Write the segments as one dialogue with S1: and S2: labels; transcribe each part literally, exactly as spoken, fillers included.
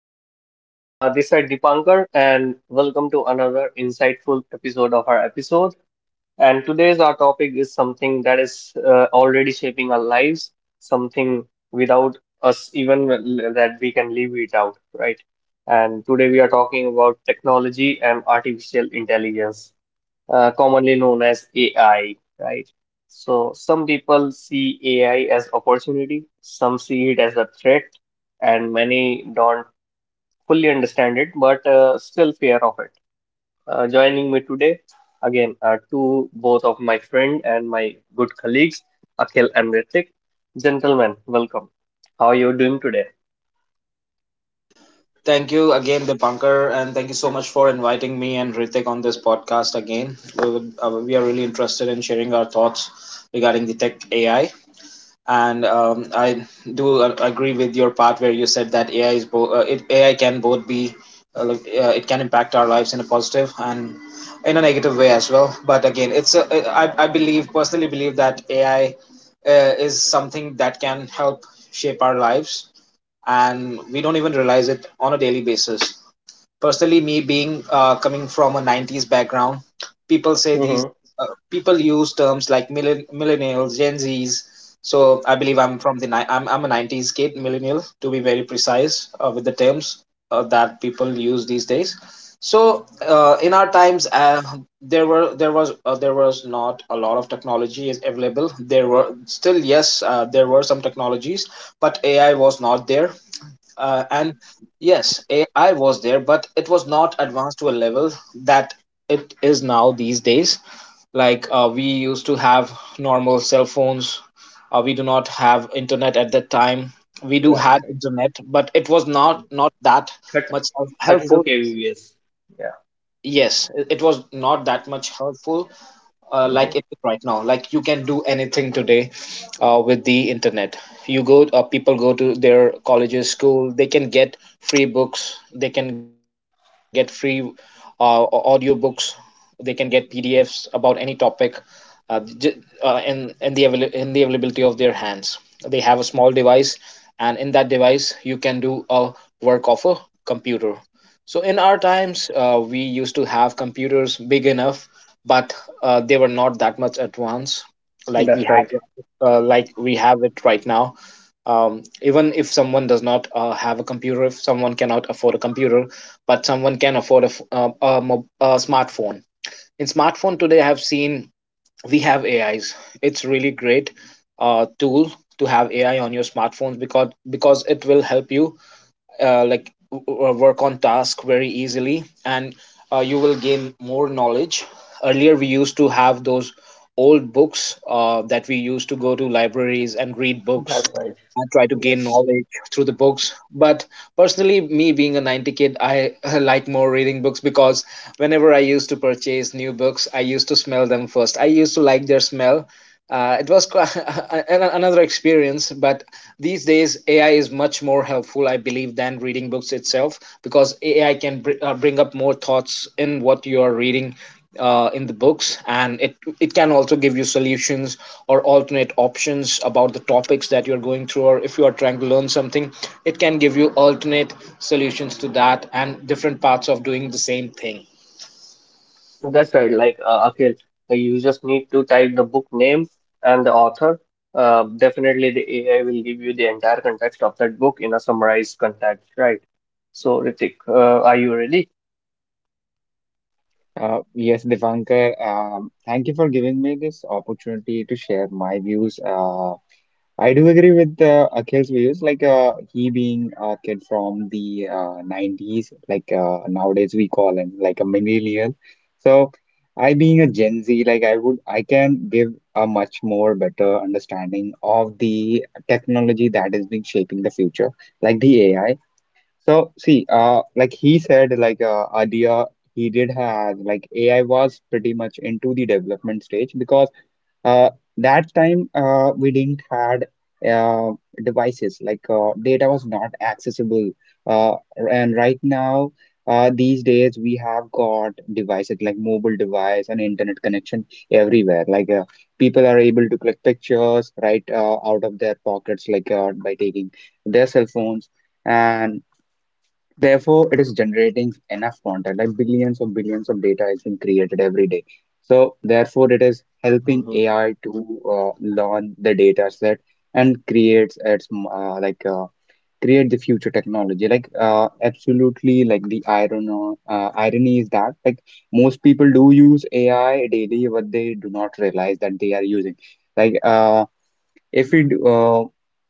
S1: Everyone. Uh, this is Dipankar, and welcome to another insightful episode of our episode. And today's our topic is something that is uh, already shaping our lives, something without us even l- that we can live it out, right? And today we are talking about technology and artificial intelligence, uh, commonly known as A I, right? So, some people see A I as opportunity, some see it as a threat and many don't fully understand it, but uh, still fear of it. Uh, joining me today, again, are two both of my friend and my good colleagues, Akhil and Ritik. Gentlemen, welcome. How are you doing today?
S2: Thank you again, Dipankar, and thank you so much for inviting me and Ritik on this podcast again. We, would, uh, we are really interested in sharing our thoughts regarding the tech A I. And um, I do uh, agree with your part where you said that A I is bo- uh, it, A I can both be uh, like, uh, it can impact our lives in a positive and in a negative way as well. But again, it's a, I, I believe personally believe that A I uh, is something that can help shape our lives, and we don't even realize it on a daily basis. Personally, me being uh, coming from a nineties background, people say these
S1: Mm-hmm.
S2: uh, people use terms like millen- millennials, Gen Zs. So I believe I'm from the ni- I'm I'm a nineties kid, millennial to be very precise, uh, with the terms uh, that people use these days. So uh, in our times, uh, there were there was uh, there was not a lot of technology is available. There were still Yes, uh, there were some technologies, but A I was not there, uh, and yes, ai was there, but it was not advanced to a level that it is now these days. Like uh, we used to have normal cell phones. Uh, we do not have internet at that time. We do
S1: Right,
S2: had
S1: right.
S2: internet, but it was not not that
S1: Thir-
S2: much help-
S1: thirty-two
S2: helpful.
S1: kbps. Yeah.
S2: Yes, it it was not that much helpful, uh,
S1: Mm-hmm.
S2: like it is right now. Like, you can do anything today uh, with the internet. You go uh, People go to their colleges, school. They can get free books. They can get free uh, audio books. They can get pdfs about any topic, uh, j- uh, in in the avail- in the availability of their hands. They have a small device, and in that device you can do a work of a computer. So in our times, uh, we used to have computers big enough, but uh, they were not that much advanced, like we
S1: That's right.
S2: have, uh, like we have it right now. Um, even if someone does not uh, have a computer, if someone cannot afford a computer, but someone can afford a, f- uh, a, mo- a smartphone. In smartphone today, I have seen we have A Is. It's really great uh, tool to have A I on your smartphones, because because it will help you uh, like w- w- uh, work on task very easily. And uh, you will gain more knowledge. Earlier, we used to have those old books uh, that we used to go to libraries and read books.
S1: That's right.
S2: I try to gain
S1: Yes.
S2: knowledge through the books. But personally, me being a ninety kid, I like more reading books, because whenever I used to purchase new books, I used to smell them first. I used to like their smell. Uh, it was quite an- another experience, but these days A I is much more helpful, I believe, than reading books itself, because A I can br- uh, bring up more thoughts in what you are reading uh, in the books. And it it can also give you solutions or alternate options about the topics that you're going through, or if you are trying to learn something, it can give you alternate solutions to that and different paths of doing the same thing.
S1: That's right, like uh, Akhil, uh, you just need to type the book name and the author. Uh, definitely, the A I will give you the entire context of that book in a summarized context, right? So, Ritik, uh, are you ready?
S3: Uh, yes, Dipankar, um, thank you for giving me this opportunity to share my views. Uh, I do agree with uh, Akhil's views, like uh, he being a kid from the uh, nineties, like uh, nowadays we call him like a millennial. So I being a Gen Z, like I would, I can give a much more better understanding of the technology that is being shaping the future, like the A I. So see, uh, like he said, like uh, earlier, he did have like A I was pretty much into the development stage because uh, that time uh, we didn't had uh, devices like uh, data was not accessible, uh, and right now. Uh, these days we have got devices like mobile device and internet connection everywhere. Like uh, people are able to click pictures right uh, out of their pockets, like uh, by taking their cell phones, and Therefore, it is generating enough content, like billions of billions of data is being created every day. So, therefore, it is helping
S1: Mhm.
S3: A I to uh, learn the data set and creates its m- uh, like uh, create the future technology. Like uh, absolutely, like the iron uh, uh, irony is that, like, most people do use A I daily, but they do not realize that they are using. Like uh, if it, uh,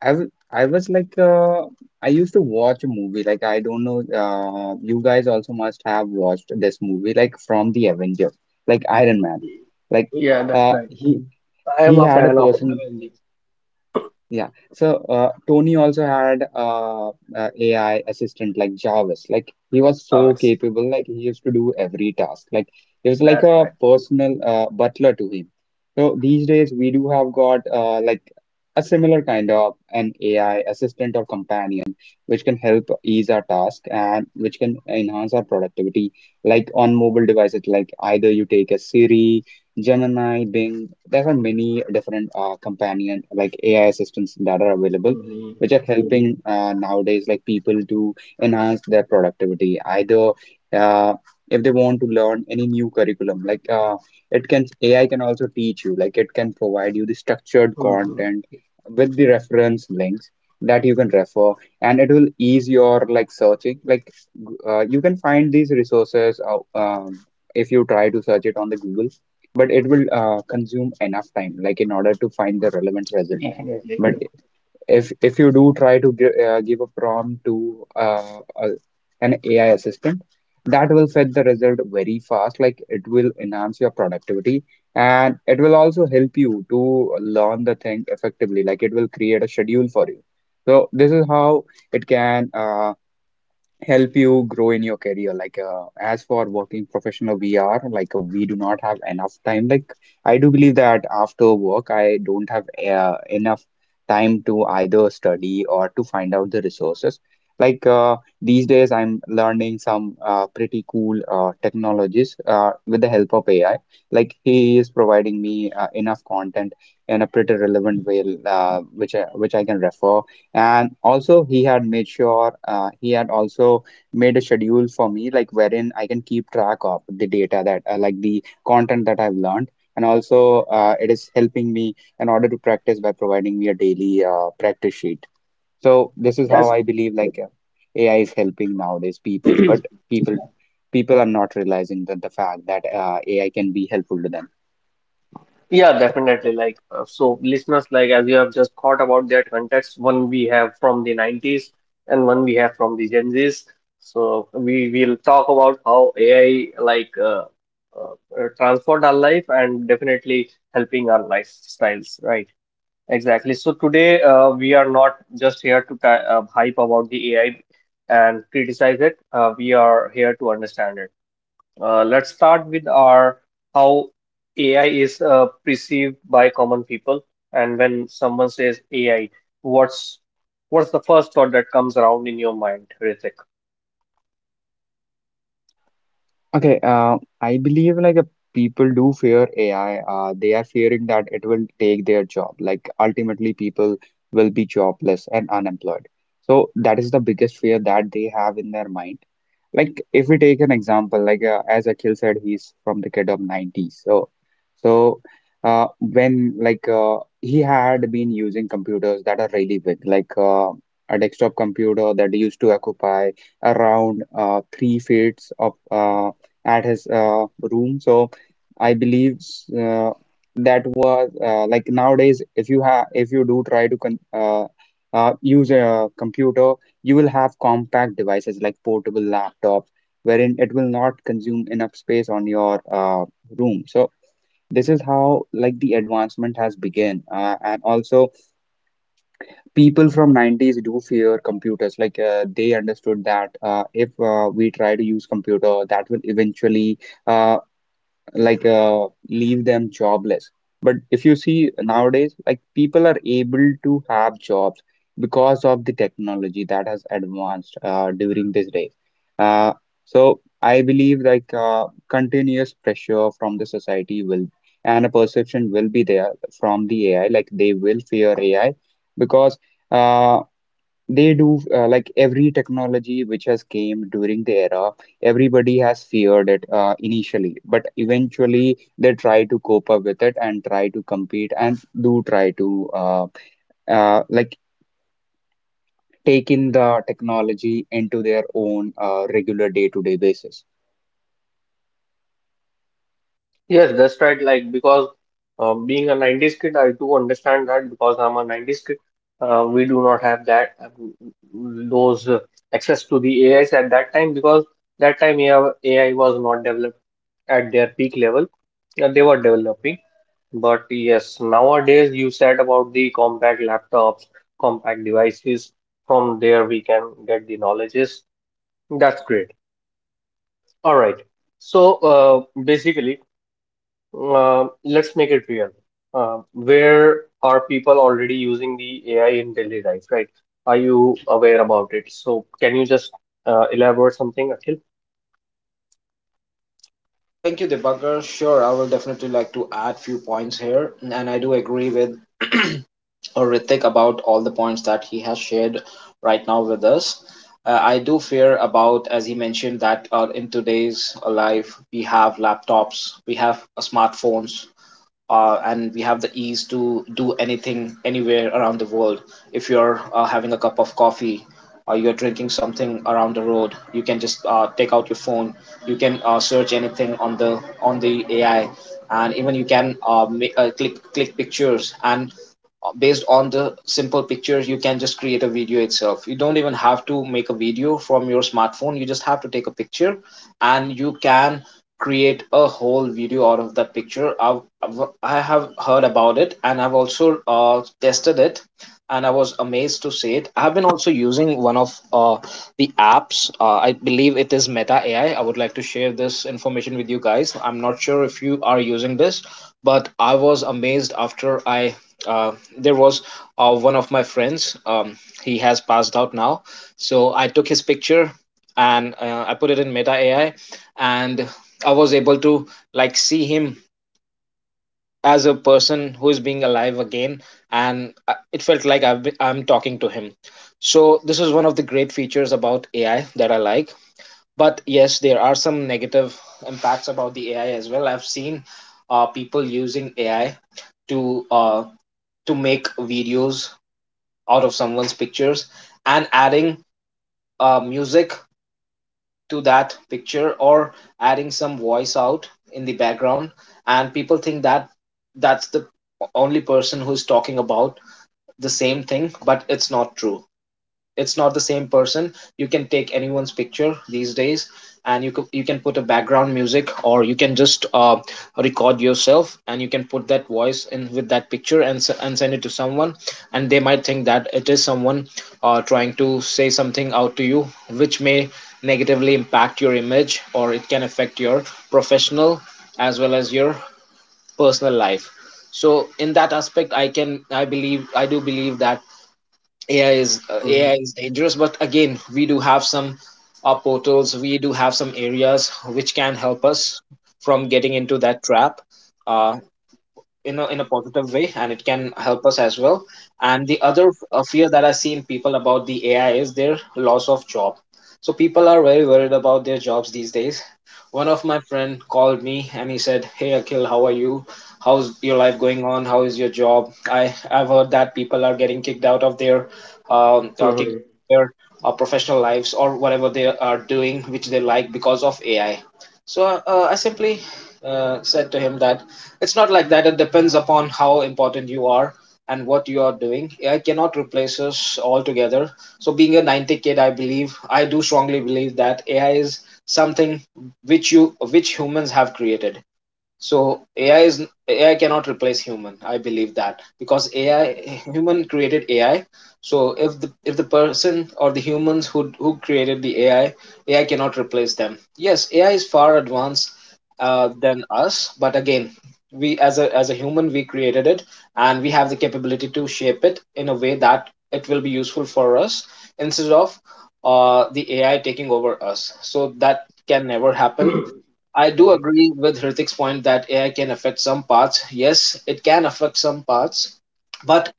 S3: I, w- I was like, uh, I used to watch a movie. Like, I don't know, uh, you guys also must have watched this movie, like from the Avenger, like Iron Man. Like,
S1: Yeah, that's
S3: uh,
S1: right.
S3: he
S1: I am
S3: he
S1: a
S3: had a
S1: fan of
S3: person.
S1: Avengers.
S3: Yeah. So uh, Tony also had uh, uh, A I assistant like Jarvis. Like, he was
S1: Yeah,
S3: so
S1: always.
S3: capable. Like, he used to do every task. Like, it was like
S1: That's
S3: a
S1: right.
S3: personal uh, butler to him. So these days we do have got uh, like a similar kind of an A I assistant or companion which can help ease our task and which can enhance our productivity. Like, on mobile devices, like, either you take a Siri, Gemini, Bing. There are many different uh, companion like A I assistants that are available,
S1: Mhm.
S3: which are helping uh, nowadays like people to enhance their productivity. Either uh, if they want to learn any new curriculum, like uh, it can A I can also teach you. Like, it can provide you the structured
S1: Mhm.
S3: content with the reference links that you can refer, and it will ease your like searching. Like g- uh, you can find these resources. Uh, um, if you try to search it on the Google, but it will uh, consume enough time, like, in order to find the relevant result,
S1: Definitely.
S3: but if if you do try to give, uh, give a prompt to uh, a, an A I assistant, that will fetch the result very fast. Like, it will enhance your productivity and it will also help you to learn the thing effectively. Like, it will create a schedule for you. So this is how it can uh, help you grow in your career. Like uh, as for working professional, we are like uh, we do not have enough time. Like, I do believe that after work I don't have uh, enough time to either study or to find out the resources. Like uh, these days I'm learning some uh, pretty cool uh, technologies uh, with the help of A I. Like, he is providing me uh, enough content in a pretty relevant way, uh, which I, which I can refer. And also, he had made sure, uh, he had also made a schedule for me, like wherein I can keep track of the data that, uh, like the content that I've learned. And also, uh, it is helping me in order to practice by providing me a daily uh, practice sheet. So this is how
S1: Yes.
S3: I believe, like uh, A I is helping nowadays people, but people people are not realizing that the fact that uh, A I can be helpful to them.
S1: Yeah, definitely. Like, uh, so listeners, like, as you have just thought about their context, one we have from the nineties and one we have from the Gen Zs. So we will talk about how A I, like, uh, uh, uh, transformed our life and definitely helping our lifestyles, right? Exactly. So today, uh, we are not just here to ti- uh, hype about the A I and criticize it. Uh, we are here to understand it. Uh, let's start with our how A I is uh, perceived by common people. And when someone says A I, what's what's the first thought that comes around in your mind, Ritik?
S3: Okay, uh, I believe, like uh, people do fear A I. Uh, they are fearing that it will take their job. Like, ultimately, people will be jobless and unemployed. So that is the biggest fear that they have in their mind. Like, if we take an example, like uh, as Akhil said, he's from the kid of nineties. So, so uh, when like uh, he had been using computers that are really big, like uh, a desktop computer that used to occupy around uh, three feet of uh, at his uh, room. So I believe uh, that was uh, like, nowadays, if you have if you do try to con uh, uh, use a computer, you will have compact devices like portable laptops, wherein it will not consume enough space on your uh, room. So this is how like the advancement has begun. Uh, and also, people from nineties do fear computers. Like uh, they understood that uh, if uh, we try to use computer, that will eventually uh, like uh, leave them jobless. But if you see nowadays, like, people are able to have jobs because of the technology that has advanced uh, during these days. Uh, so I believe, like uh, continuous pressure from the society will and a perception will be there from the A I, like they will fear A I because. Uh, they do uh, like every technology which has came during the era, everybody has feared it uh, initially, but eventually they try to cope up with it and try to compete and do try to uh, uh, like take in the technology into their own uh, regular day-to-day basis.
S1: Yes, that's right. Like because uh, being a nineties kid, I do understand that because I'm a nineties kid, uh, we do not have that um, those uh, access to the A Is at that time because that time AI, A I was not developed at their peak level. Uh, they were developing. But yes, nowadays you said about the compact laptops, compact devices. From there we can get the knowledges. That's great. All right. So uh, basically, uh, let's make it real. Uh, where are people already using the A I in daily life, right? Are you aware about it? So can you just uh, elaborate something, Akhil?
S2: Uh, thank you, Debakar. Sure, I will definitely like to add few points here, and I do agree with uh, Ritik about all the points that he has shared right now with us. Uh, I do fear about, as he mentioned, that uh, in today's life we have laptops, we have uh, smartphones, uh, and we have the ease to do anything anywhere around the world. If you're uh, having a cup of coffee, or you're drinking something around the road, you can just uh, take out your phone. You can uh, search anything on the on the A I, and even you can uh, make uh, click click pictures. And based on the simple picture you can just create a video itself. You don't even have to make a video from your smartphone. You just have to take a picture, and you can create a whole video out of that picture. I've, I've- I have heard about it, and I've also uh, tested it, and I was amazed to see it. I have been also using one of uh, the apps. Uh, I believe it is Meta A I. I I would like to share this information with you guys. I'm not sure if you are using this, but I was amazed after I. Uh, there was uh, one of my friends. Um, he has passed out now, so I took his picture, and uh, I put it in Meta A I, and I was able to like see him as a person who is being alive again, and uh, it felt like I've been, I'm talking to him. So this is one of the great features about ai that I like. But yes, there are some negative impacts about the ai as well. I've seen uh, people using ai to uh, to make videos out of someone's pictures, and adding uh, music to that picture, or adding some voice out in the background, and people think that that's the only person who's talking about the same thing, but it's not true. It's not the same person. You can take anyone's picture these days, and you can, you can put a background music, or you can just uh, record yourself, and you can put that voice in with that picture, and and send it to someone, and they might think that it is someone uh, trying to say something out to you, which may negatively impact your image, or it can affect your professional as well as your personal life. So in that aspect, i can i believe i do believe that A I is uh, A I is dangerous, but again, we do have some uh, portals, we do have some areas which can help us from getting into that trap. Uh, in a, in a positive way, and it can help us as well. And the other uh, fear that I see in people about the ai is their loss of job. So people are very worried about their jobs these days. One of my friend called me, and he said, hey akhil, how are you, how's your life going on, how is your job? I i've heard that people are getting kicked out of their um uh, kicked their uh, professional lives or whatever they are doing which they like because of ai. So uh, I simply uh, said to him that it's not like that. It depends upon how important you are and what you are doing. A I cannot replace us altogether. So, being a ninety kid, I believe, I do strongly believe that A I is something which you which humans have created. So A I is A I cannot replace human. I believe that because A I human created A I. So if the if the person or the humans who who created the A I, A I cannot replace them. Yes, A I is far advanced uh, than us, but again, we as a as a human we created it, and we have the capability to shape it in a way that it will be useful for us instead of uh, the A I taking over us. So that can never happen.
S1: Mm-hmm.
S2: I do agree with Hritik's point that A I can affect some parts. Yes, it can affect some parts, but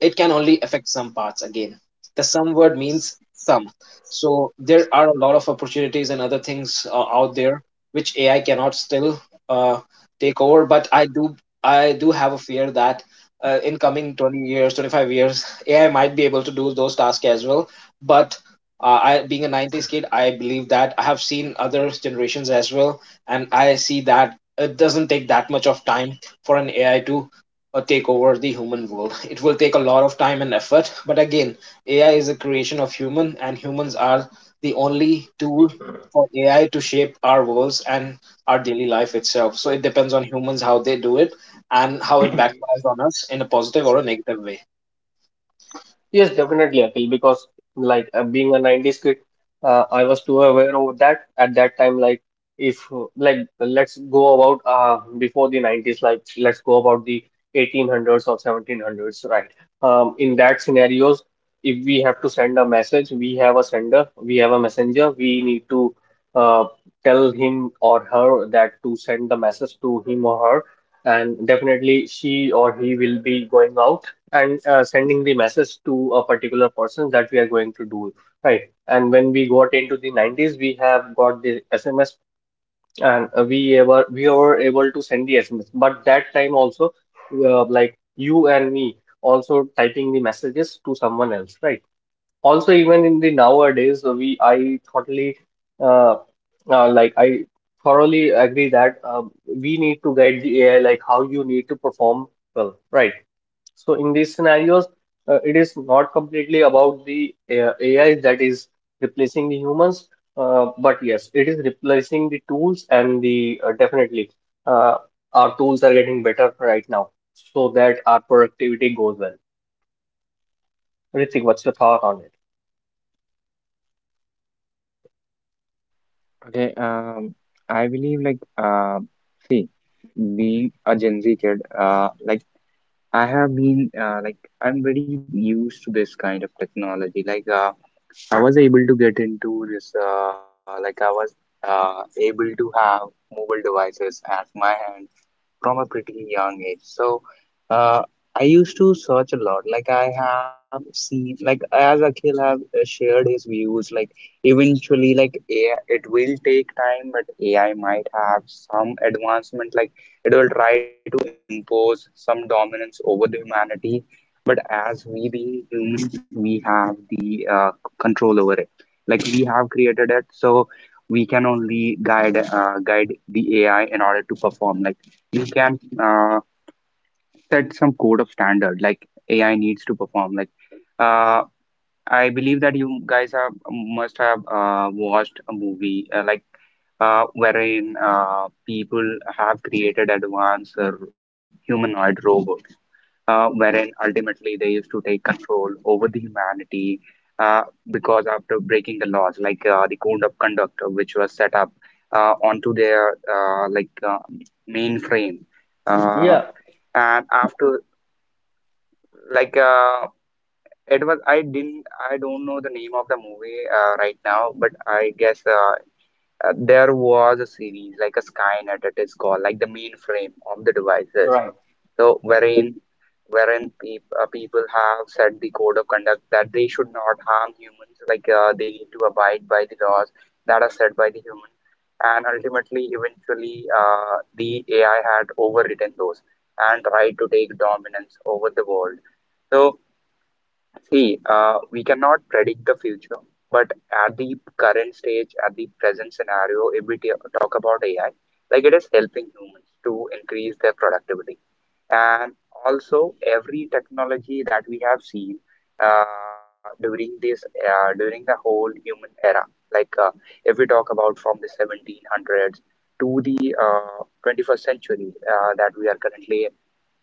S2: it can only affect some parts again. The some word means some. So there are a lot of opportunities and other things uh, out there which A I cannot still uh, take over. But I do I do have a fear that uh, in coming twenty years, twenty-five years, A I might be able to do those tasks as well. But uh, I, being a nineties kid, I believe that I have seen other generations as well, and I see that it doesn't take that much of time for an A I to or take over the human world. It will take a lot of time and effort, but again, A I is a creation of human, and humans are the only tool for A I to shape our worlds and our daily life itself. So it depends on humans how they do it and how it backfires on us in a positive or a negative way.
S1: Yes, definitely, Akhil, because like uh, being a nineties kid, uh, I was too aware of that at that time. Like, if uh, like let's go about uh, before the nineties, like let's go about the eighteen hundreds or seventeen hundreds, right? Um, in that scenarios, if we have to send a message, we have a sender, we have a messenger, we need to uh, tell him or her that to send the message to him or her, and definitely she or he will be going out and uh, sending the message to a particular person that we are going to do, right. And when we got into the nineties we have got the S M S, and uh, we ever we were able to send the S M S, but that time also uh, like you and me also typing the messages to someone else, right. Also even in the nowadays uh, we I totally uh, uh, like I thoroughly agree that uh, we need to guide the AI like how you need to perform well, right? So in these scenarios, uh, it is not completely about the uh, A- AI that is replacing the humans, uh, but yes, it is replacing the tools and the uh, definitely uh, our tools are getting better right now so that our productivity goes well. Ritik, what's your thought on it?
S3: Okay, um, I believe, like uh, see, being a Gen Z kid, uh, like I have been uh, like, I'm very used to this kind of technology. Like uh. I was able to get into this, uh, like I was uh, able to have mobile devices at my hand from a pretty young age. So uh, I used to search a lot. Like, I have seen, like, as Akhil have uh, shared his views, like, eventually, like A I, it will take time, but A I might have some advancement. Like, it will try to impose some dominance over the humanity. But as we being humans, we have the uh, control over it. Like, we have created it, so we can only guide uh, guide the A I in order to perform. Like, you can uh, set some code of standard like A I needs to perform. Like uh, I believe that you guys have must have uh, watched a movie uh, like uh, wherein uh, people have created advanced uh, humanoid robots, uh, wherein ultimately they used to take control over the humanity uh, because after breaking the laws, like uh, the code of conduct uh, which was set up uh, onto their uh, like uh, mainframe. Uh,
S1: Yeah,
S3: and after like uh, it was I didn't I don't know the name of the movie uh, right now, but I guess, uh, uh, there was a series like a Skynet, it is called, like the mainframe of the devices.
S1: right,
S3: So
S1: right.
S3: wherein wherein peop uh, people have set the code of conduct that they should not harm humans, like uh, they need to abide by the laws that are set by the human. And ultimately, eventually, uh, the A I had overridden those and tried to take dominance over the world. So, see, uh, we cannot predict the future, but at the current stage, at the present scenario, if we ta- talk about A I, like, it is helping humans to increase their productivity. And also, every technology that we have seen uh, during this uh, during the whole human era, like uh, if we talk about from the seventeen hundreds to the uh, twenty-first century uh, that we are currently.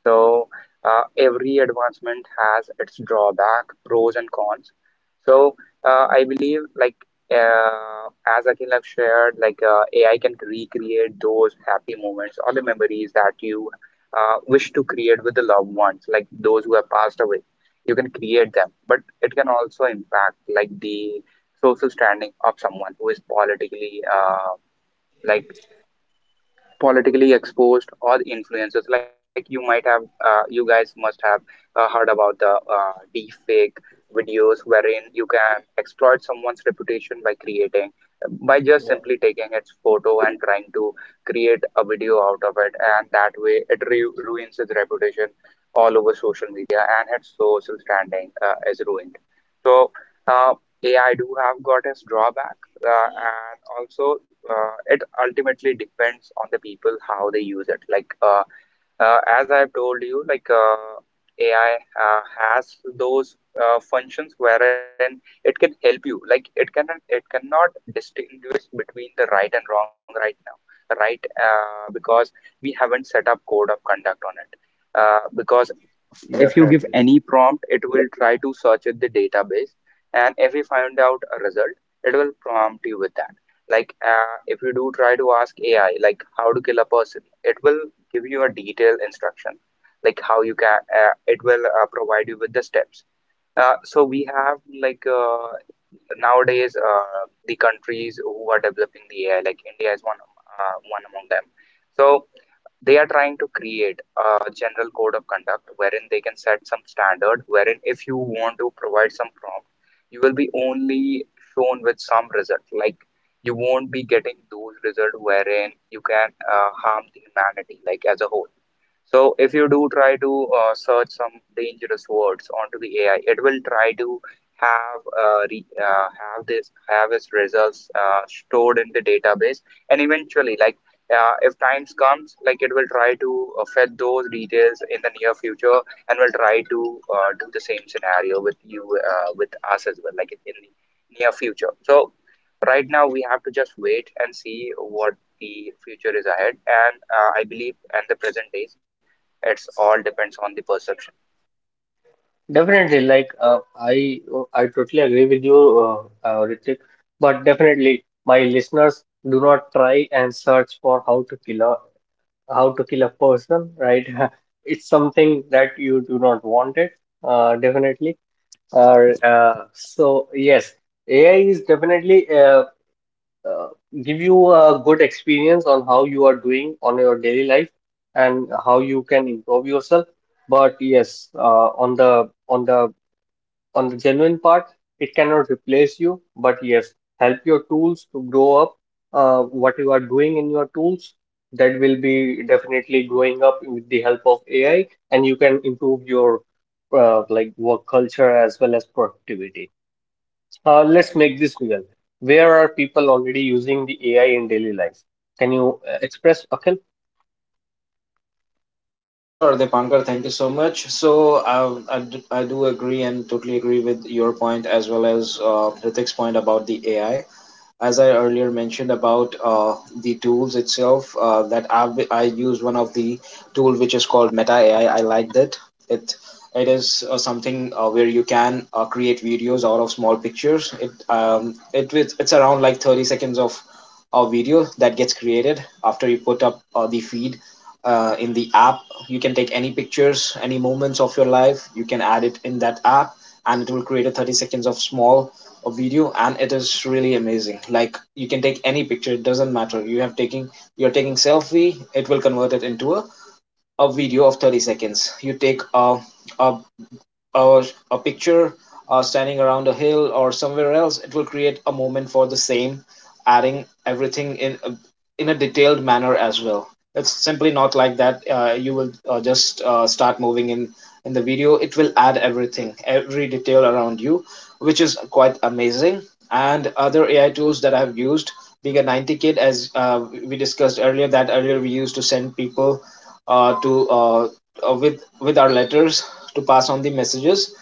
S3: So uh, every advancement has its drawback, pros and cons. So uh, I believe, like uh, as Akhil have shared, like uh, A I can recreate those happy moments or the memories that you uh, wish to create with the loved ones, like those who have passed away. You can create them, but it can also impact like the social standing of someone who is politically uh, like politically exposed or influencers. Like, you might have uh, you guys must have uh, heard about the uh, deep fake videos wherein you can exploit someone's reputation by creating by just
S1: Yeah,
S3: simply taking its photo and trying to create a video out of it, and that way it ru- ruins its reputation all over social media, and its social standing uh, is ruined. So uh, AI do have got its drawback, uh, and also uh, it ultimately depends on the people how they use it. Like uh, uh, as I've told you, like uh, A I uh, has those uh, functions wherein it can help you. Like, it can it cannot distinguish between the right and wrong right now, right? Uh, because we haven't set up code of conduct on it. Uh, because if you give
S1: definitely.
S3: any prompt, it will try to search in the database, and if we find out a result, it will prompt you with that. Like uh, if you do try to ask A I, like how to kill a person, it will give you a detailed instruction like how you can uh, it will uh, provide you with the steps. Uh, so we have like uh, nowadays, uh, the countries who are developing the A I, like India is one uh, one among them, so they are trying to create a general code of conduct wherein they can set some standard wherein if you want to provide some prompt, you will be only shown with some result, like you won't be getting those results wherein you can uh, harm the humanity like as a whole. So if you do try to uh, search some dangerous words onto the A I, it will try to have uh, re, uh, have this have its results uh, stored in the database, and eventually, like uh, if times comes, like it will try to uh, fetch those details in the near future, and will try to uh, do the same scenario with you, uh, with us as well, like in the near future. So right now we have to just wait and see what the future is ahead, and uh, I believe and the present days, it's all depends on the perception.
S1: Definitely, like uh, I I totally agree with you, uh, uh, Ritik, but definitely my listeners do not try and search for how to kill a how to kill a person, right? It's something that you do not want it, uh, definitely. Uh, uh, so yes, A I is definitely uh, uh, give you a good experience on how you are doing on your daily life and how you can improve yourself. But yes, uh, on the on the on the genuine part, it cannot replace you, but yes, help your tools to grow up. Uh, what you are doing in your tools, that will be definitely growing up with the help of A I, and you can improve your uh, like work culture as well as productivity. Uh, let's make this real. Where are people already using the A I in daily life? Can you uh, express, Akhil?
S2: Sure, Dipankar, thank you so much. So uh, I, d- I do agree and totally agree with your point as well as uh, Ritik's point about the A I. As I earlier mentioned about uh, the tools itself, uh, that I've, I use one of the tool which is called Meta A I. I like that. It it it is uh, something uh, where you can uh, create videos out of small pictures. It um it with- it's around like thirty seconds of a video that gets created after you put up uh, the feed uh, in the app. You can take any pictures, any moments of your life. You can add it in that app, and it will create a thirty seconds of small of video, and it is really amazing. Like you can take any picture; it doesn't matter. You have taking you're taking selfie, it will convert it into a, a video of thirty seconds. You take a, a a, a picture uh, standing around a hill or somewhere else. It will create a moment for the same, adding everything in a, in a detailed manner as well. It's simply not like that uh, you will uh, just uh, start moving in in the video. It will add everything, every detail around you, which is quite amazing. And other AI tools that I've used, being a ninety kid, as uh, we discussed earlier, that earlier we used to send people uh, to uh, uh, with with our letters to pass on the messages.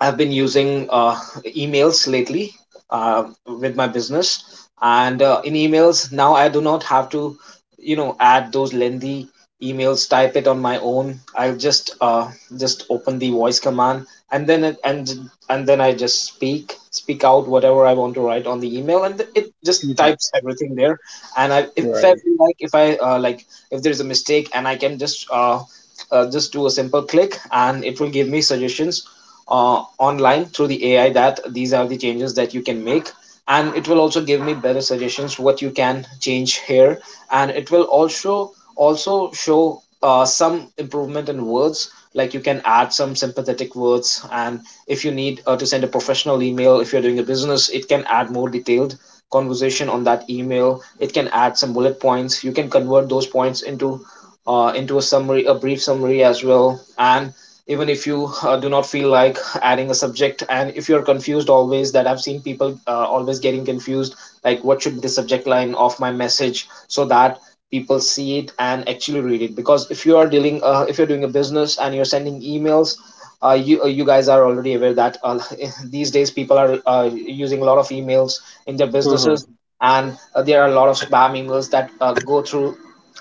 S2: I've been using uh, emails lately uh, with my business, and uh, in emails now I do not have to, you know, add those lengthy emails. Type it on my own. I'll just uh, just open the voice command, and then it, and and then I just speak speak out whatever I want to write on the email, and it just
S1: Mhm.
S2: types everything there. And I if I
S1: Right.
S2: feel like if I uh, like if there is a mistake, and I can just uh, uh, just do a simple click, and it will give me suggestions uh, online through the A I that these are the changes that you can make. And it will also give me better suggestions what you can change here. And it will also also show uh, some improvement in words, like you can add some sympathetic words. And if you need uh, to send a professional email, if you're doing a business, it can add more detailed conversation on that email. It can add some bullet points. You can convert those points into uh, into a summary, a brief summary as well. And even if you uh, do not feel like adding a subject, and if you're confused always, that I've seen people uh, always getting confused, like what should be the subject line of my message, so that people see it and actually read it. Because if you are dealing, uh, if you're doing a business and you're sending emails. Uh, you, uh, you guys are already aware that uh, these days people are uh, using a lot of emails in their
S1: Hmm.
S2: businesses. And uh, there are a lot of spam emails that uh, go through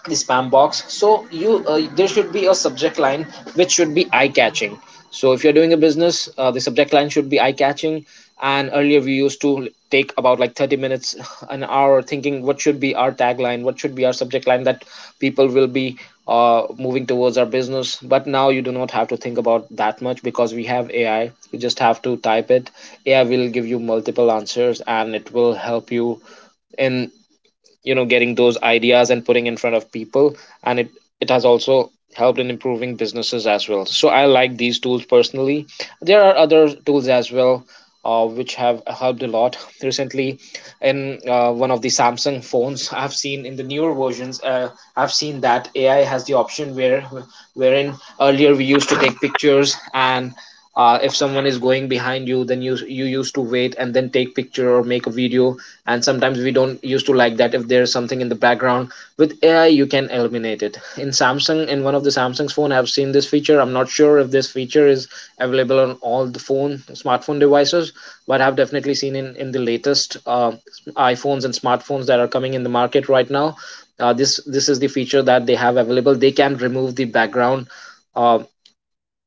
S2: the spam box. So you uh, there should be a subject line which should be eye catching. So if you're doing a business, uh, the subject line should be eye catching. And earlier we used to take about like thirty minutes an hour, thinking what should be our tagline, what should be our subject line, that people will be uh, moving towards our business. But now you do not have to think about that much because we have AI. You just have to type it. AI will give you multiple answers, and it will help you in, you know getting those ideas and putting in front of people. And it it has also helped in improving businesses as well. So I like these tools personally. There are other tools as well uh, which have helped a lot recently. In uh, one of the Samsung phones I've seen, in the newer versions, uh, I've seen that AI has the option where wherein earlier we used to take pictures, and uh, if someone is going behind you, then you you used to wait and then take picture or make a video. And sometimes we don't used to like that if there's something in the background. With AI you can eliminate it. In Samsung, in one of the Samsung's phone, I've seen this feature. I'm not sure if this feature is available on all the phone smartphone devices, but I've definitely seen in in the latest uh, iPhones and smartphones that are coming in the market right now. Uh, this this is the feature that they have available. They can remove the background, uh,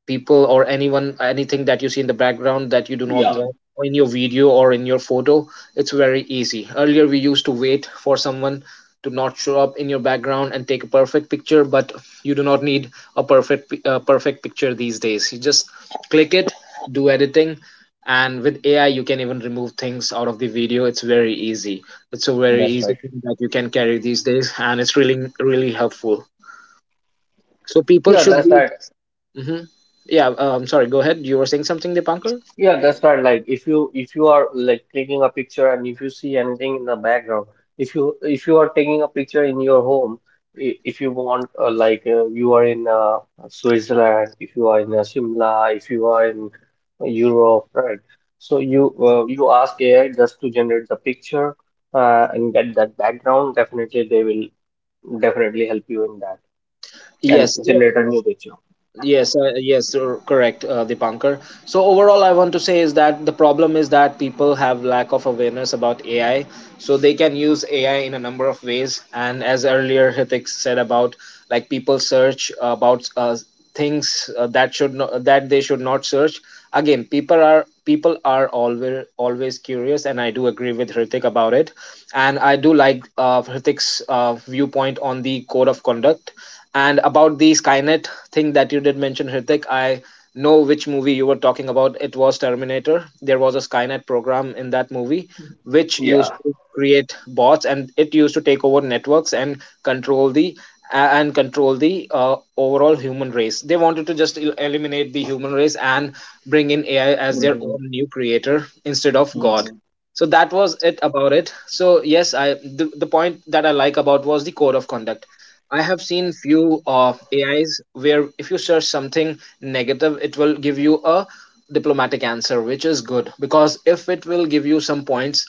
S2: people or anyone anything that you see in the background that you do not
S1: Yeah,
S2: want in your video or in your photo. It's very easy. Earlier we used to wait for someone to not show up in your background and take a perfect picture, but you do not need a perfect pi- uh, perfect picture these days. You just click it, do editing, and with AI you can even remove things out of the video. It's very easy. It's a very
S1: that's
S2: easy
S1: right.
S2: thing that you can carry these days, and it's really really helpful. So people
S1: Yeah,
S2: should
S1: that's
S2: be.
S1: right.
S2: Hmm. Yeah, um, sorry, go ahead. You were saying something, Dipankar?
S1: Yeah, that's right. Like if you if you are like taking a picture and if you see anything in the background, if you if you are taking a picture in your home, i- if you want uh, like uh, you are in uh, Switzerland, if you are in uh, Shimla, if you are in uh, Europe, right? So you uh, you ask A I just to generate the picture uh, and get that background. Definitely, they will definitely help you in that and
S2: Yes.
S1: generate a new picture.
S2: Yes, uh, yes, uh, correct, uh, Dipankar. So overall, I want to say is that the problem is that people have lack of awareness about A I. So they can use A I in a number of ways. And as earlier Hitik said about, like people search about uh, things uh, that should not, that they should not search. Again, people are people are always always curious, and I do agree with Hrithik about it. And I do like uh, Hrithik's uh, viewpoint on the code of conduct and about the Skynet thing that you did mention, Hrithik. I know which movie you were talking about. It was Terminator. There was a Skynet program in that movie which used
S1: Yeah.
S2: to create bots, and it used to take over networks and control the and control the uh, overall human race. They wanted to just el- eliminate the human race and bring in A I as their
S1: Hmm.
S2: own new creator instead of God.
S1: Hmm.
S2: So that was it about it. So yes, i the, the point that I like about was the code of conduct. I have seen few uh, AIs where if you search something negative, it will give you a diplomatic answer, which is good, because if it will give you some points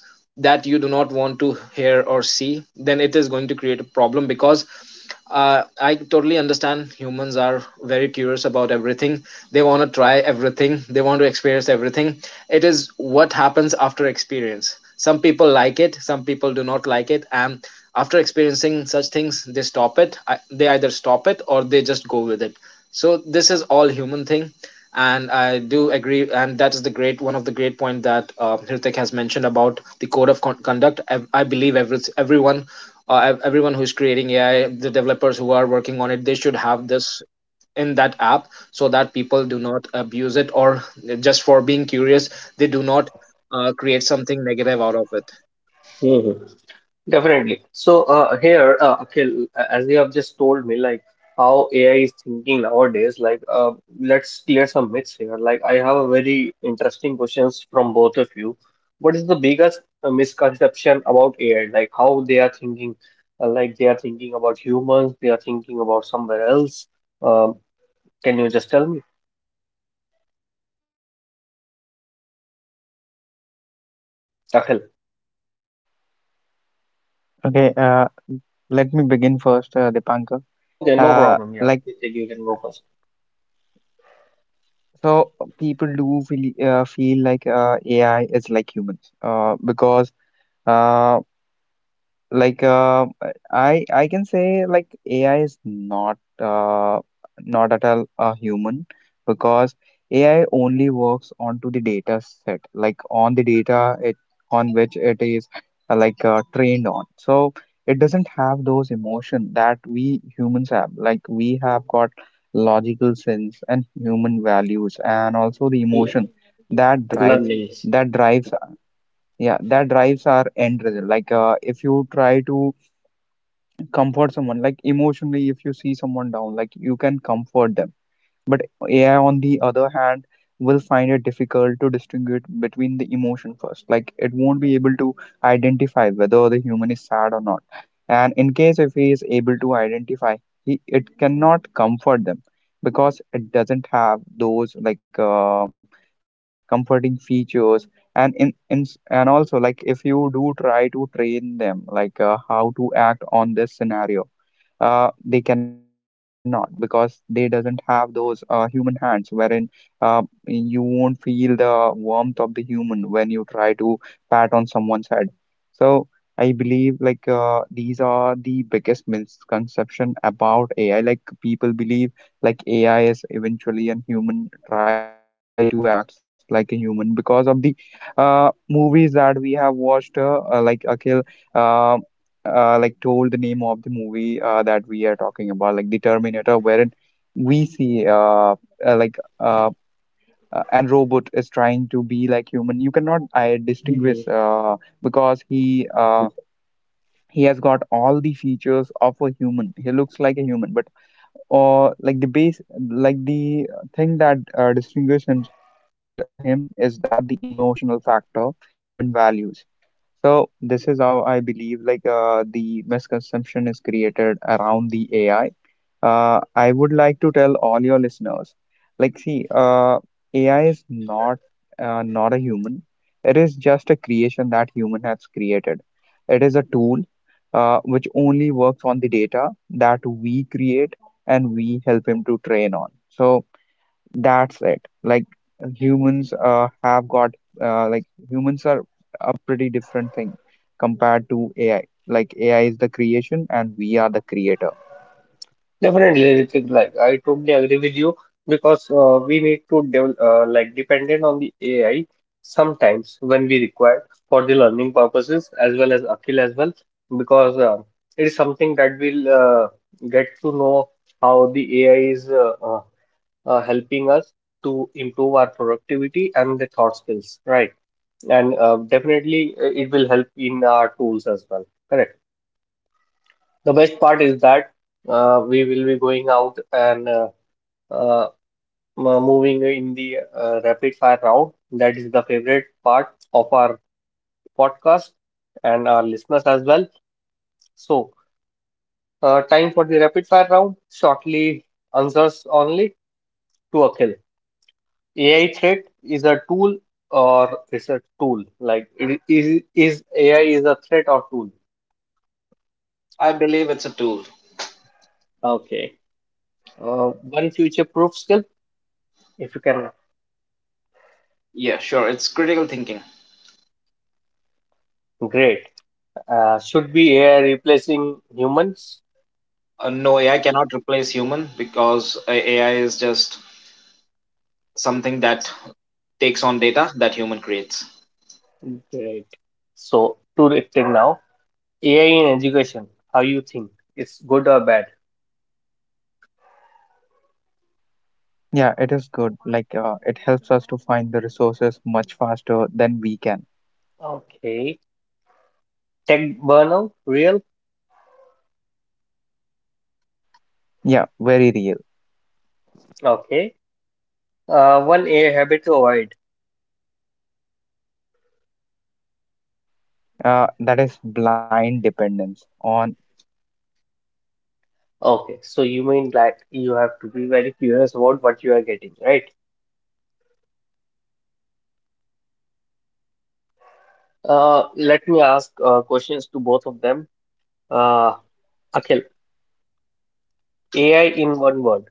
S2: that you do not want to hear or see, then it is going to create a problem. Because uh, I totally understand humans are very curious about everything. They want to try everything, they want to experience everything. It is what happens after experience. Some people like it, some people do not like it, and after experiencing such things, they stop it. I- They either stop it or they just go with it. So this is all human thing. And I do agree, and that is the great one of the great point that uh, Hrithik has mentioned about the code of con- conduct. i, I believe every, everyone, uh, ev- everyone who's creating AI, the developers who are working on it, they should have this in that app, so that people do not abuse it or, just for being curious, they do not uh, create something negative out of it.
S1: Definitely. So uh, here, uh, Akhil, as you have just told me, like how A I is thinking nowadays, like uh, let's clear some myths here. Like I have a very interesting questions from both of you. What is the biggest uh, misconception about A I? Like how they are thinking, uh, like they are thinking about humans, they are thinking about somewhere else. Um, can you just tell me, Akhil?
S3: Okay, uh, let me begin first, uh, Dipankar.
S1: Okay, no
S3: Uh,
S1: problem. Yeah,
S3: like,
S1: you can go first.
S3: so people do feel, uh, feel like uh, A I is like humans, uh, because uh, like uh, I I can say like A I is not uh, not at all a human, because A I only works onto the data set, like on the data it on which it is uh, like uh, trained on. So it doesn't have those emotion that we humans have, like we have got logical sense and human values and also the
S1: Yeah.
S3: emotion that drives
S1: Learning.
S3: that drives yeah, that drives our end result. Like uh, if you try to comfort someone, like emotionally, if you see someone down, like you can comfort them, but A I, on the other hand, will find it difficult to distinguish between the emotion first. Like it won't be able to identify whether the human is sad or not. And in case if he is able to identify, he it cannot comfort them because it doesn't have those like uh, comforting features. And in, in and also, like if you do try to train them, like uh, how to act on this scenario, uh, they cannot because they doesn't have those uh, human hands wherein, uh, you won't feel the warmth of the human when you try to pat on someone's head. So I believe like uh, these are the biggest misconception about A I. Like people believe like A I is eventually a human, try to act like a human because of the uh, movies that we have watched, uh, uh, like Akhil uh, uh, like told the name of the movie uh, that we are talking about, like the Terminator, wherein we see uh, uh, like uh, uh, and robot is trying to be like human. You cannot I distinguish,
S1: Mhm.
S3: uh, because he uh, he has got all the features of a human, he looks like a human, but or like the base, like the thing that uh, distinguishes him, him is that the emotional factor and the human values. So this is how I believe like uh, the misconception is created around the AI. uh, I would like to tell all your listeners, like see uh, AI is not uh, not a human, it is just a creation that human has created. It is a tool uh, which only works on the data that we create and we help him to train on. So that's it. Like humans uh, have got, uh, like humans are a pretty different thing compared to A I. Like A I is the creation and we are the creator.
S1: Definitely, Ritik, like I totally agree with you because uh, we need to develop uh, like dependent on the A I sometimes when we require for the learning purposes as well as Akhil as well, because uh, it is something that we'll uh, get to know how the A I is uh, uh, uh, helping us to improve our productivity and the thought skills, right? And uh, definitely uh, it will help in our tools as well. Correct. The best part is that uh, we will be going out and uh, uh, m- moving in the uh, rapid fire round. That is the favorite part of our podcast and our listeners as well. So, uh, time for the rapid fire round. Shortly answers only to a kill. A I threat is a tool or is a tool? Like, it is, is A I is a threat or tool?
S2: I believe it's a tool.
S1: Okay. Uh, One future proof skill, if you can.
S2: Yeah, sure, it's critical thinking.
S1: Great. Uh, should be A I replacing humans?
S2: Uh, no, AI cannot replace human, because uh, AI is just something that takes on data that human creates.
S1: Great. So, to the thing now, A I in education, how you think? It's good or bad?
S3: Yeah, it is good. Like uh, it helps us to find the resources much faster than we can.
S1: Okay. Tech burnout, real?
S3: Yeah, very real.
S1: Okay. Uh, one A I habit to avoid.
S3: Uh, that is blind dependence on what A I, uh, like
S1: Okay. So,
S3: because
S1: you
S3: you should
S1: mean like
S3: not
S1: you
S3: be
S1: have to
S3: in,
S1: be very
S3: involved.
S1: curious about what you are getting, right?
S3: Yes, and also try to uh, try, do
S1: Uh,
S3: not try
S1: let
S3: to
S1: me
S3: use
S1: ask
S3: A I
S1: uh,
S3: every
S1: questions to
S3: time
S1: both of
S3: to
S1: them.
S3: search for.
S1: Uh, Akhil, A I in one word.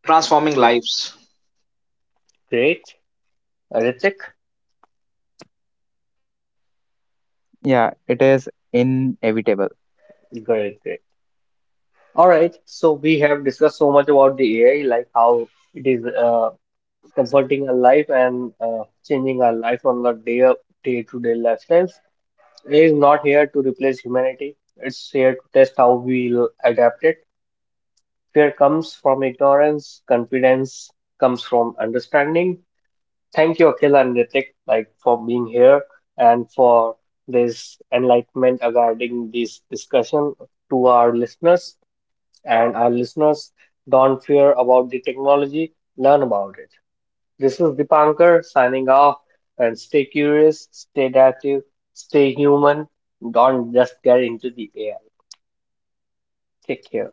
S2: Transforming lives.
S1: Great. Ritik,
S3: Yeah, it is inevitable.
S1: great, great. All right, so we have discussed so much about the A I, like how it is uh, comforting our life and uh, changing our life on the day day-to-day lifestyles. A I is not here to replace humanity; it's here to test how we'll adapt it. Fear comes from ignorance, confidence comes from understanding. Thank you, Akhil and Ritik, like for being here and for this enlightenment regarding this discussion to our listeners. And our listeners, don't fear about the technology, learn about it. This is Dipankar signing off, and stay curious, stay active, stay human, don't just get into the A I. Take care.